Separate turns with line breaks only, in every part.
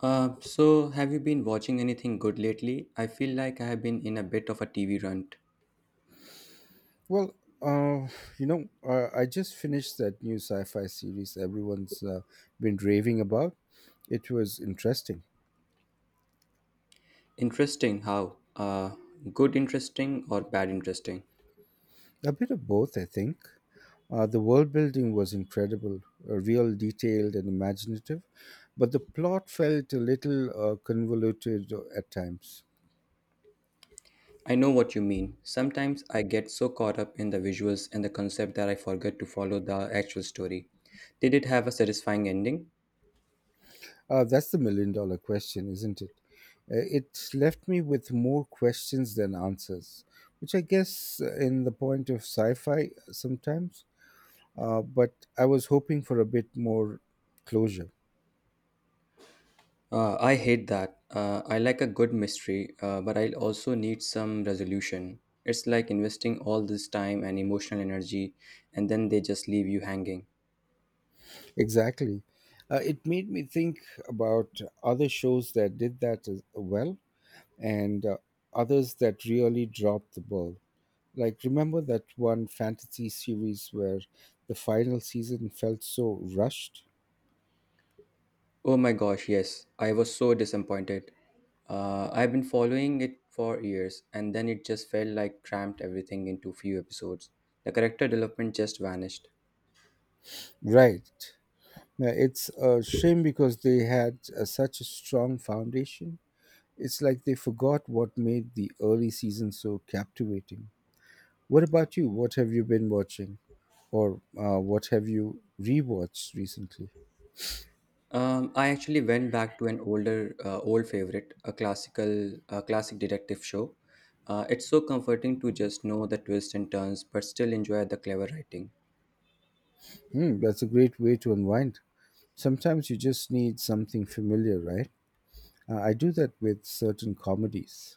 Have you been watching anything good lately? I feel like I have been in a bit of a TV rant.
Well, uh, I just finished that new sci-fi series everyone's been raving about. It was interesting.
Interesting how? Good interesting or bad interesting?
A bit of both, I think. The world building was incredible, real, detailed, and imaginative, but the plot felt a little convoluted at times.
I know what you mean. Sometimes I get so caught up in the visuals and the concept that I forget to follow the actual story. Did it have a satisfying ending?
That's the $1 million question, isn't it? It left me with more questions than answers, which I guess in the point of sci fi sometimes. But I was hoping for a bit more closure.
I hate that. I like a good mystery, but I also need some resolution. It's like investing all this time and emotional energy, and then they just leave you hanging.
Exactly. It made me think about other shows that did that as well and others that really dropped the ball. Like, remember that one fantasy series where the final season felt so rushed?
Oh my gosh, yes. I was so disappointed. I've been following it for years, and then it just felt like cramped everything into few episodes. The character development just vanished.
Right. Now, it's a shame because they had such a strong foundation. It's like they forgot what made the early season so captivating. What about you? What have you been watching, or what have you rewatched recently?
I actually went back to an older, old favorite, a classic detective show. It's so comforting to just know the twists and turns, but still enjoy the clever writing.
Hmm, that's a great way to unwind. Sometimes you just need something familiar, right? I do that with certain comedies.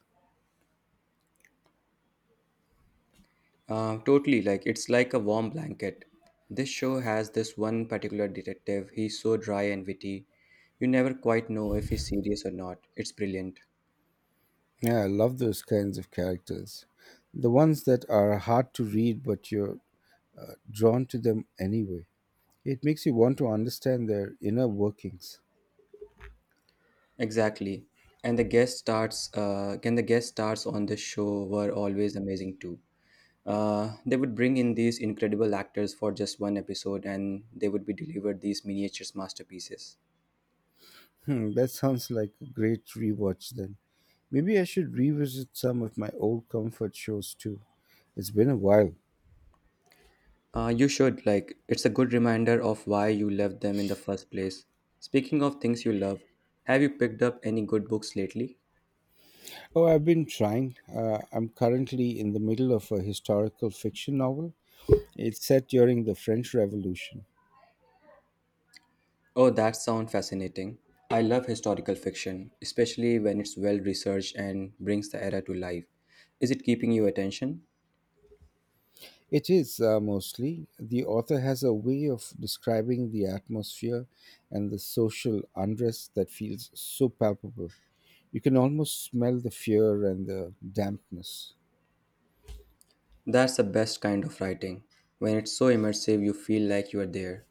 Totally, like it's like a warm blanket. This show has this one particular detective. He's so dry and witty. You never quite know if he's serious or not. It's brilliant.
Yeah, I love those kinds of characters. The ones that are hard to read, but you're drawn to them anyway. It makes you want to understand their inner workings.
Exactly. And the guest stars, and the guest stars on this show were always amazing too. They would bring in these incredible actors for just one episode, and they would be delivered these miniatures masterpieces.
Hmm, that sounds like a great rewatch then. Maybe I should revisit some of my old comfort shows too. It's been a while.
You should, like, it's a good reminder of why you left them in the first place. Speaking of things you love, have you picked up any good books lately?
Oh, I've been trying. I'm currently in the middle of a historical fiction novel. It's set during the French Revolution.
Oh, that sounds fascinating. I love historical fiction, especially when it's well researched and brings the era to life. Is it keeping your attention?
It is mostly. The author has a way of describing the atmosphere and the social unrest that feels so palpable. You can almost smell the fear and the dampness.
That's the best kind of writing, when it's so immersive you feel like you are there.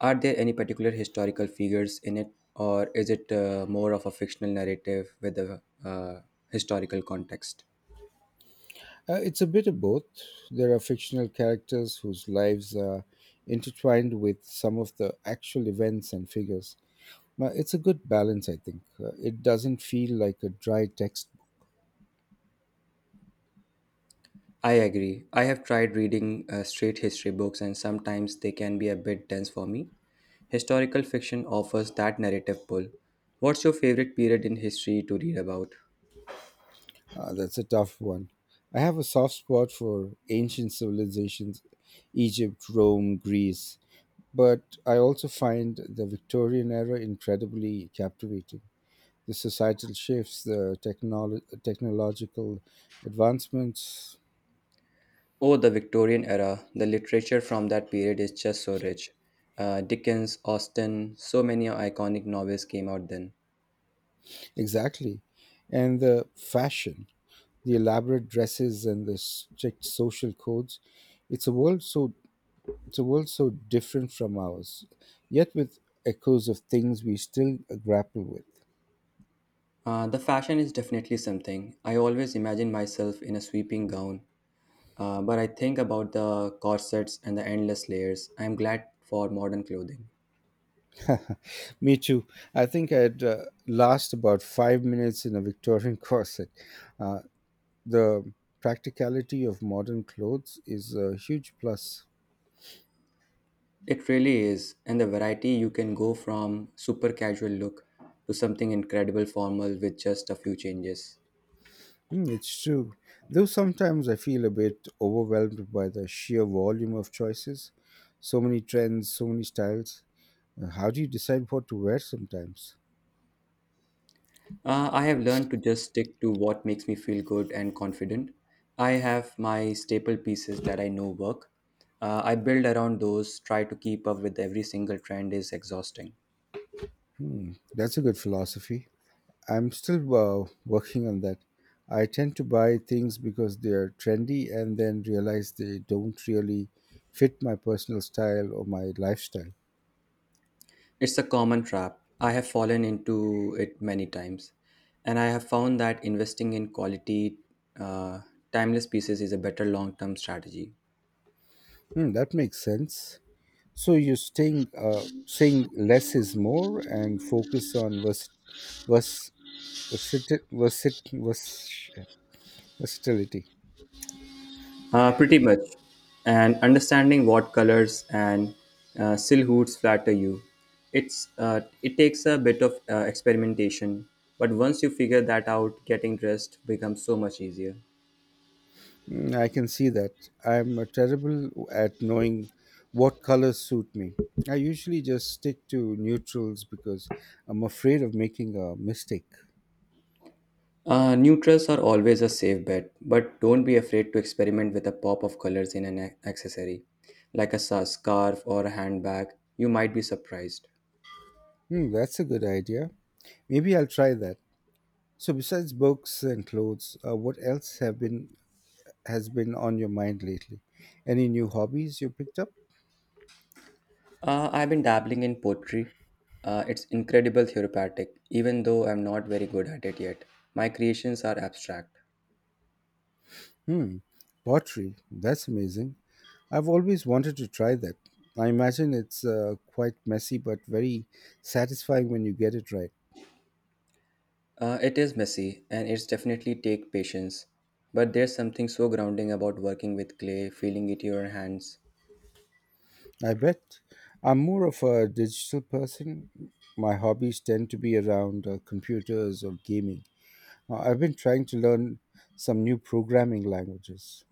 Are there any particular historical figures in it, or is it more of a fictional narrative with a historical context?
It's a bit of both. There are fictional characters whose lives are intertwined with some of the actual events and figures. But it's a good balance, I think. It doesn't feel like a dry textbook.
I agree. I have tried reading straight history books, and sometimes they can be a bit dense for me. Historical fiction offers that narrative pull. What's your favorite period in history to read about?
That's a tough one. I have a soft spot for ancient civilizations: Egypt, Rome, Greece. But I also find the Victorian era incredibly captivating. The societal shifts, the technological advancements.
Oh, the Victorian era. The literature from that period is just so rich. Dickens, Austen, so many iconic novels came out then.
Exactly. And the fashion, the elaborate dresses and the strict social codes, it's a world so it's a world so different from ours, yet with echoes of things we still grapple
The fashion is definitely something. I always imagine myself in a sweeping gown, but I think about the corsets and the endless layers. I'm glad for modern clothing.
with. Me too. I think I'd last about 5 minutes in a Victorian corset. Uh, the practicality of modern clothes is a huge plus.
It really is, and the variety you can go from super casual look to something incredible formal with just a few changes.
Mm, it's true. Though sometimes I feel a bit overwhelmed by the sheer volume of choices. So many trends, so many styles. How do you decide what to wear sometimes?
I have learned to just stick to what makes me feel good and confident. I have my staple pieces that I know work. I build around those, try to keep up with every single trend is exhausting.
Hmm, that's a good philosophy. I'm still working on that. I tend to buy things because they're trendy and then realize they don't really fit my personal style or my lifestyle.
It's a common trap. I have fallen into it many times, and I have found that investing in quality, uh, timeless pieces is a better long term strategy.
Hmm, that makes sense. So you're saying less is more and focus on vers- versit- versit- vers- versatility.
Pretty much. And understanding what colors and silhouettes flatter you. It's it takes a bit of experimentation, but once you figure that out, getting dressed becomes so much easier.
Mm, I can see that. I'm terrible at knowing what colors suit me. I usually just stick to neutrals because I'm afraid of making a mistake.
Neutrals are always a safe bet, but don't be afraid to experiment with a pop of colors in an accessory, like a scarf or a handbag. You might be surprised.
Hmm, that's a good idea. Maybe I'll try that. So besides books and clothes, what else have been has been on your mind lately? Any new hobbies you picked up?
I've been dabbling in poetry. It's incredible therapeutic, even though I'm not very good at it yet. My creations are abstract.
Hmm, pottery. That's amazing. I've always wanted to try that. I imagine it's quite messy but very satisfying when you get it right.
It is messy, and it's definitely take patience. But there's something so grounding about working with clay, feeling it in your hands.
I bet I'm more of a digital person. My hobbies tend to be around computers or gaming. I've been trying to learn some new programming languages.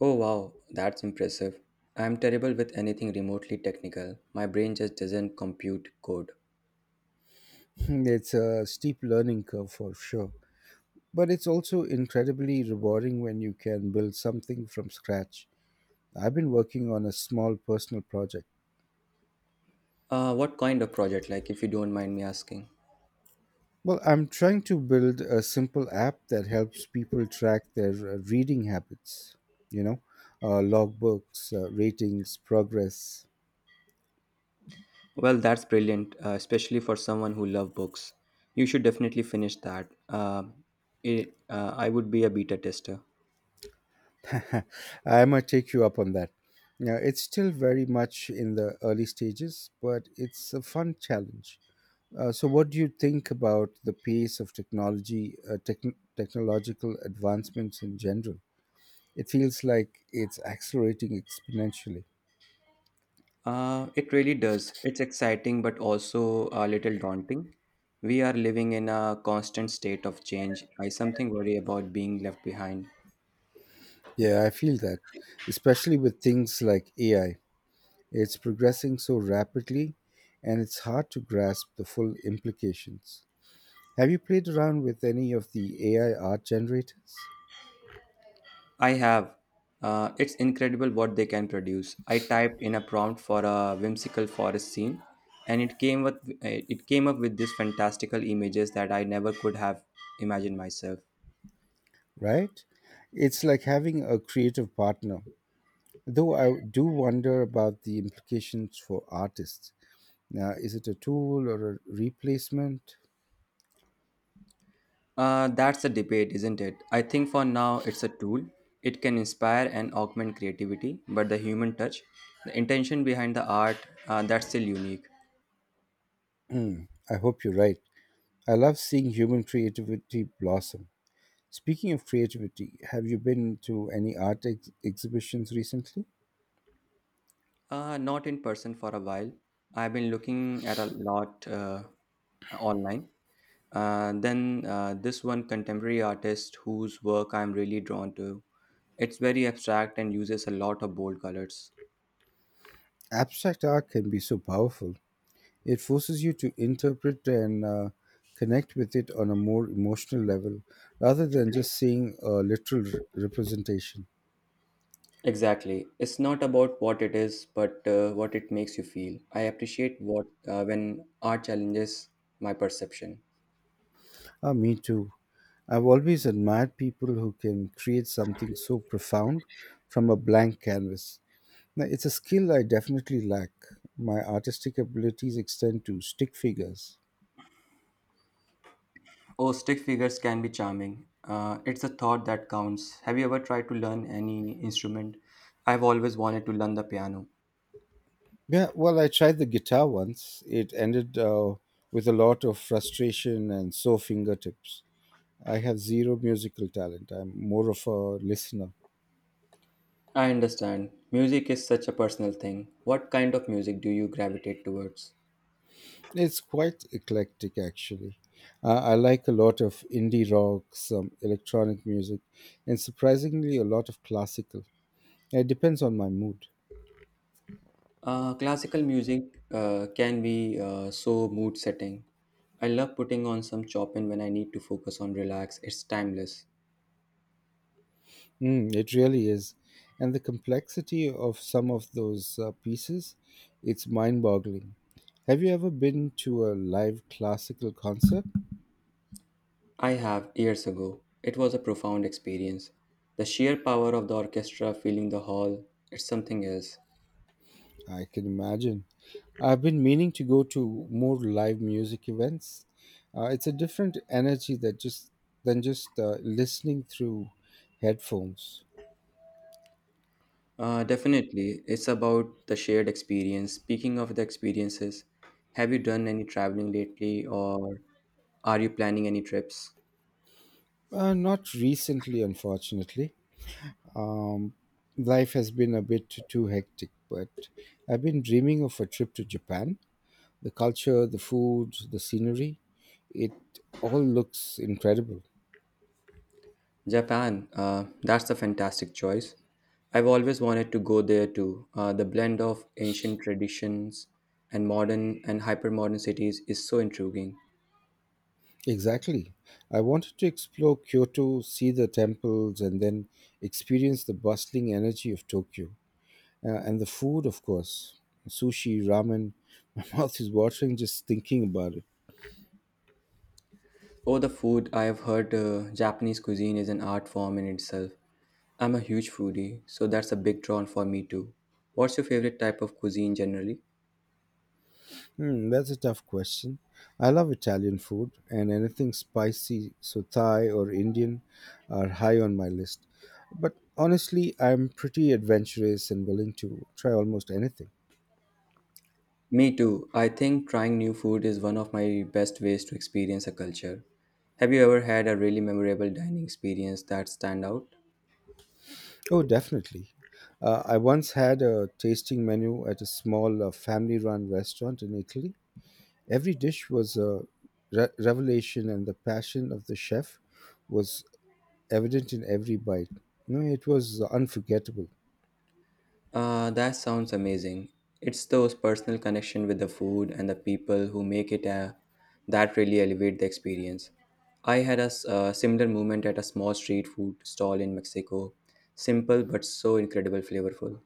Oh wow, that's impressive. I'm terrible with anything remotely technical. My brain just doesn't compute code.
It's a steep learning curve for sure, but it's also incredibly rewarding when you can build something from scratch. I've been working on a small personal project.
What kind of project, like, if you don't mind me asking?
Well, I'm trying to build a simple app that helps people track their reading habits, you know, logbooks, ratings, progress.
Well, that's brilliant, especially for someone who loves books. You should definitely finish that. I would be a beta tester.
I might take you up on that. Now, it's still very much in the early stages, but it's a fun challenge. So, what do you think about the pace of technology, technological advancements in general? It feels like it's accelerating exponentially.
It really does. It's exciting, but also a little daunting. We are living in a constant state of change. I something worry about being left behind.
Yeah, I feel that, especially with things like AI. It's progressing so rapidly and it's hard to grasp the full implications. Have you played around with any of the AI art generators?
I have. It's incredible what they can produce. I typed in a prompt for a whimsical forest scene, and it came up with these fantastical images that I never could have imagined myself.
Right? It's like having a creative partner. Though I do wonder about the implications for artists. Now, is it a tool or a replacement?
That's the debate, isn't it? I think for now it's a tool. It can inspire and augment creativity, but the human touch, the intention behind the art, that's still unique.
I hope you're right. I love seeing human creativity blossom. Speaking of creativity, have you been to any art exhibitions recently?
Not in person for a while. I've been looking at a lot online. Then This one contemporary artist whose work I'm really drawn to. It's very abstract and uses a lot of bold colors.
Abstract art can be so powerful. It forces you to interpret and connect with it on a more emotional level rather than just seeing a literal representation.
Exactly. It's not about what it is, but what it makes you feel. I appreciate what when art challenges my perception.
Ah, me too. I've always admired people who can create something so profound from a blank canvas. Now, it's a skill I definitely lack. My artistic abilities extend to stick figures.
Oh, stick figures can be charming. It's a thought that counts. Have you ever tried to learn any instrument? I've always wanted to learn the piano.
Yeah, well, I tried the guitar once. It ended with a lot of frustration and sore fingertips. I have zero musical talent. I'm more of a listener.
I understand. Music is such a personal thing. What kind of music do you gravitate towards?
It's quite eclectic, actually. I like a lot of indie rock, some electronic music, and surprisingly, a lot of classical. It depends on my mood.
Classical music can be so mood setting. I love putting on some Chopin when I need to focus on relax. It's timeless.
Mm, it really is. And the complexity of some of those pieces, it's mind boggling. Have you ever been to a live classical concert?
I have years ago. It was a profound experience. The sheer power of the orchestra filling the hall, it's something else.
I can imagine. I've been meaning to go to more live music events. It's a different energy that just than just listening through headphones.
Definitely, it's about the shared experience. Speaking of the experiences, have you done any traveling lately or are you planning any trips?
Not recently, unfortunately. Um, Life has been a bit too hectic, but I've been dreaming of a trip to Japan. The culture, the food, the scenery, it all looks incredible.
Japan, that's a fantastic choice. I've always wanted to go there too. The blend of ancient traditions and modern and hypermodern cities is so intriguing.
Exactly. I wanted to explore Kyoto, see the temples, and then experience the bustling energy of Tokyo. And the food, of course: sushi, ramen. My mouth is watering just thinking about it.
Oh, the food! I have heard Japanese cuisine is an art form in itself. I'm a huge foodie, so that's a big draw for me too. What's your favorite type of cuisine generally?
Hmm, that's a tough question. I love Italian food, and anything spicy, so Thai or Indian, are high on my list. But honestly, I'm pretty adventurous and willing to try almost anything.
Me too. I think trying new food is one of my best ways to experience a culture. Have you ever had a really memorable dining experience that stand out?
Oh, definitely. I once had a tasting menu at a small family run restaurant in Italy. Every dish was a revelation, and the passion of the chef was evident in every bite. You know, it was unforgettable.
That sounds amazing. It's those personal connection with the food and the people who make it a, that really elevate the experience. I had a a similar moment at a small street food stall in Mexico. Simple but so incredible flavorful.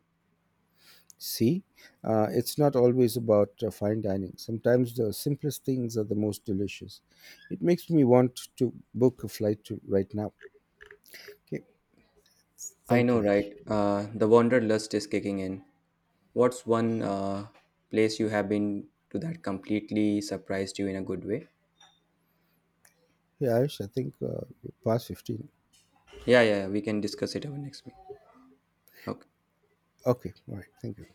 See, it's not always about fine dining. Sometimes the simplest things are the most delicious. It makes me want to book a flight to right now. Okay,
I
thank
know,
you, Ash.
right? The wanderlust is kicking in. What's one place you have been to that completely surprised you in a good way?
Hey, Ash, I think you're past 15.
Yeah, yeah, we can discuss it our next meeting. Okay.
Okay, all right, thank you.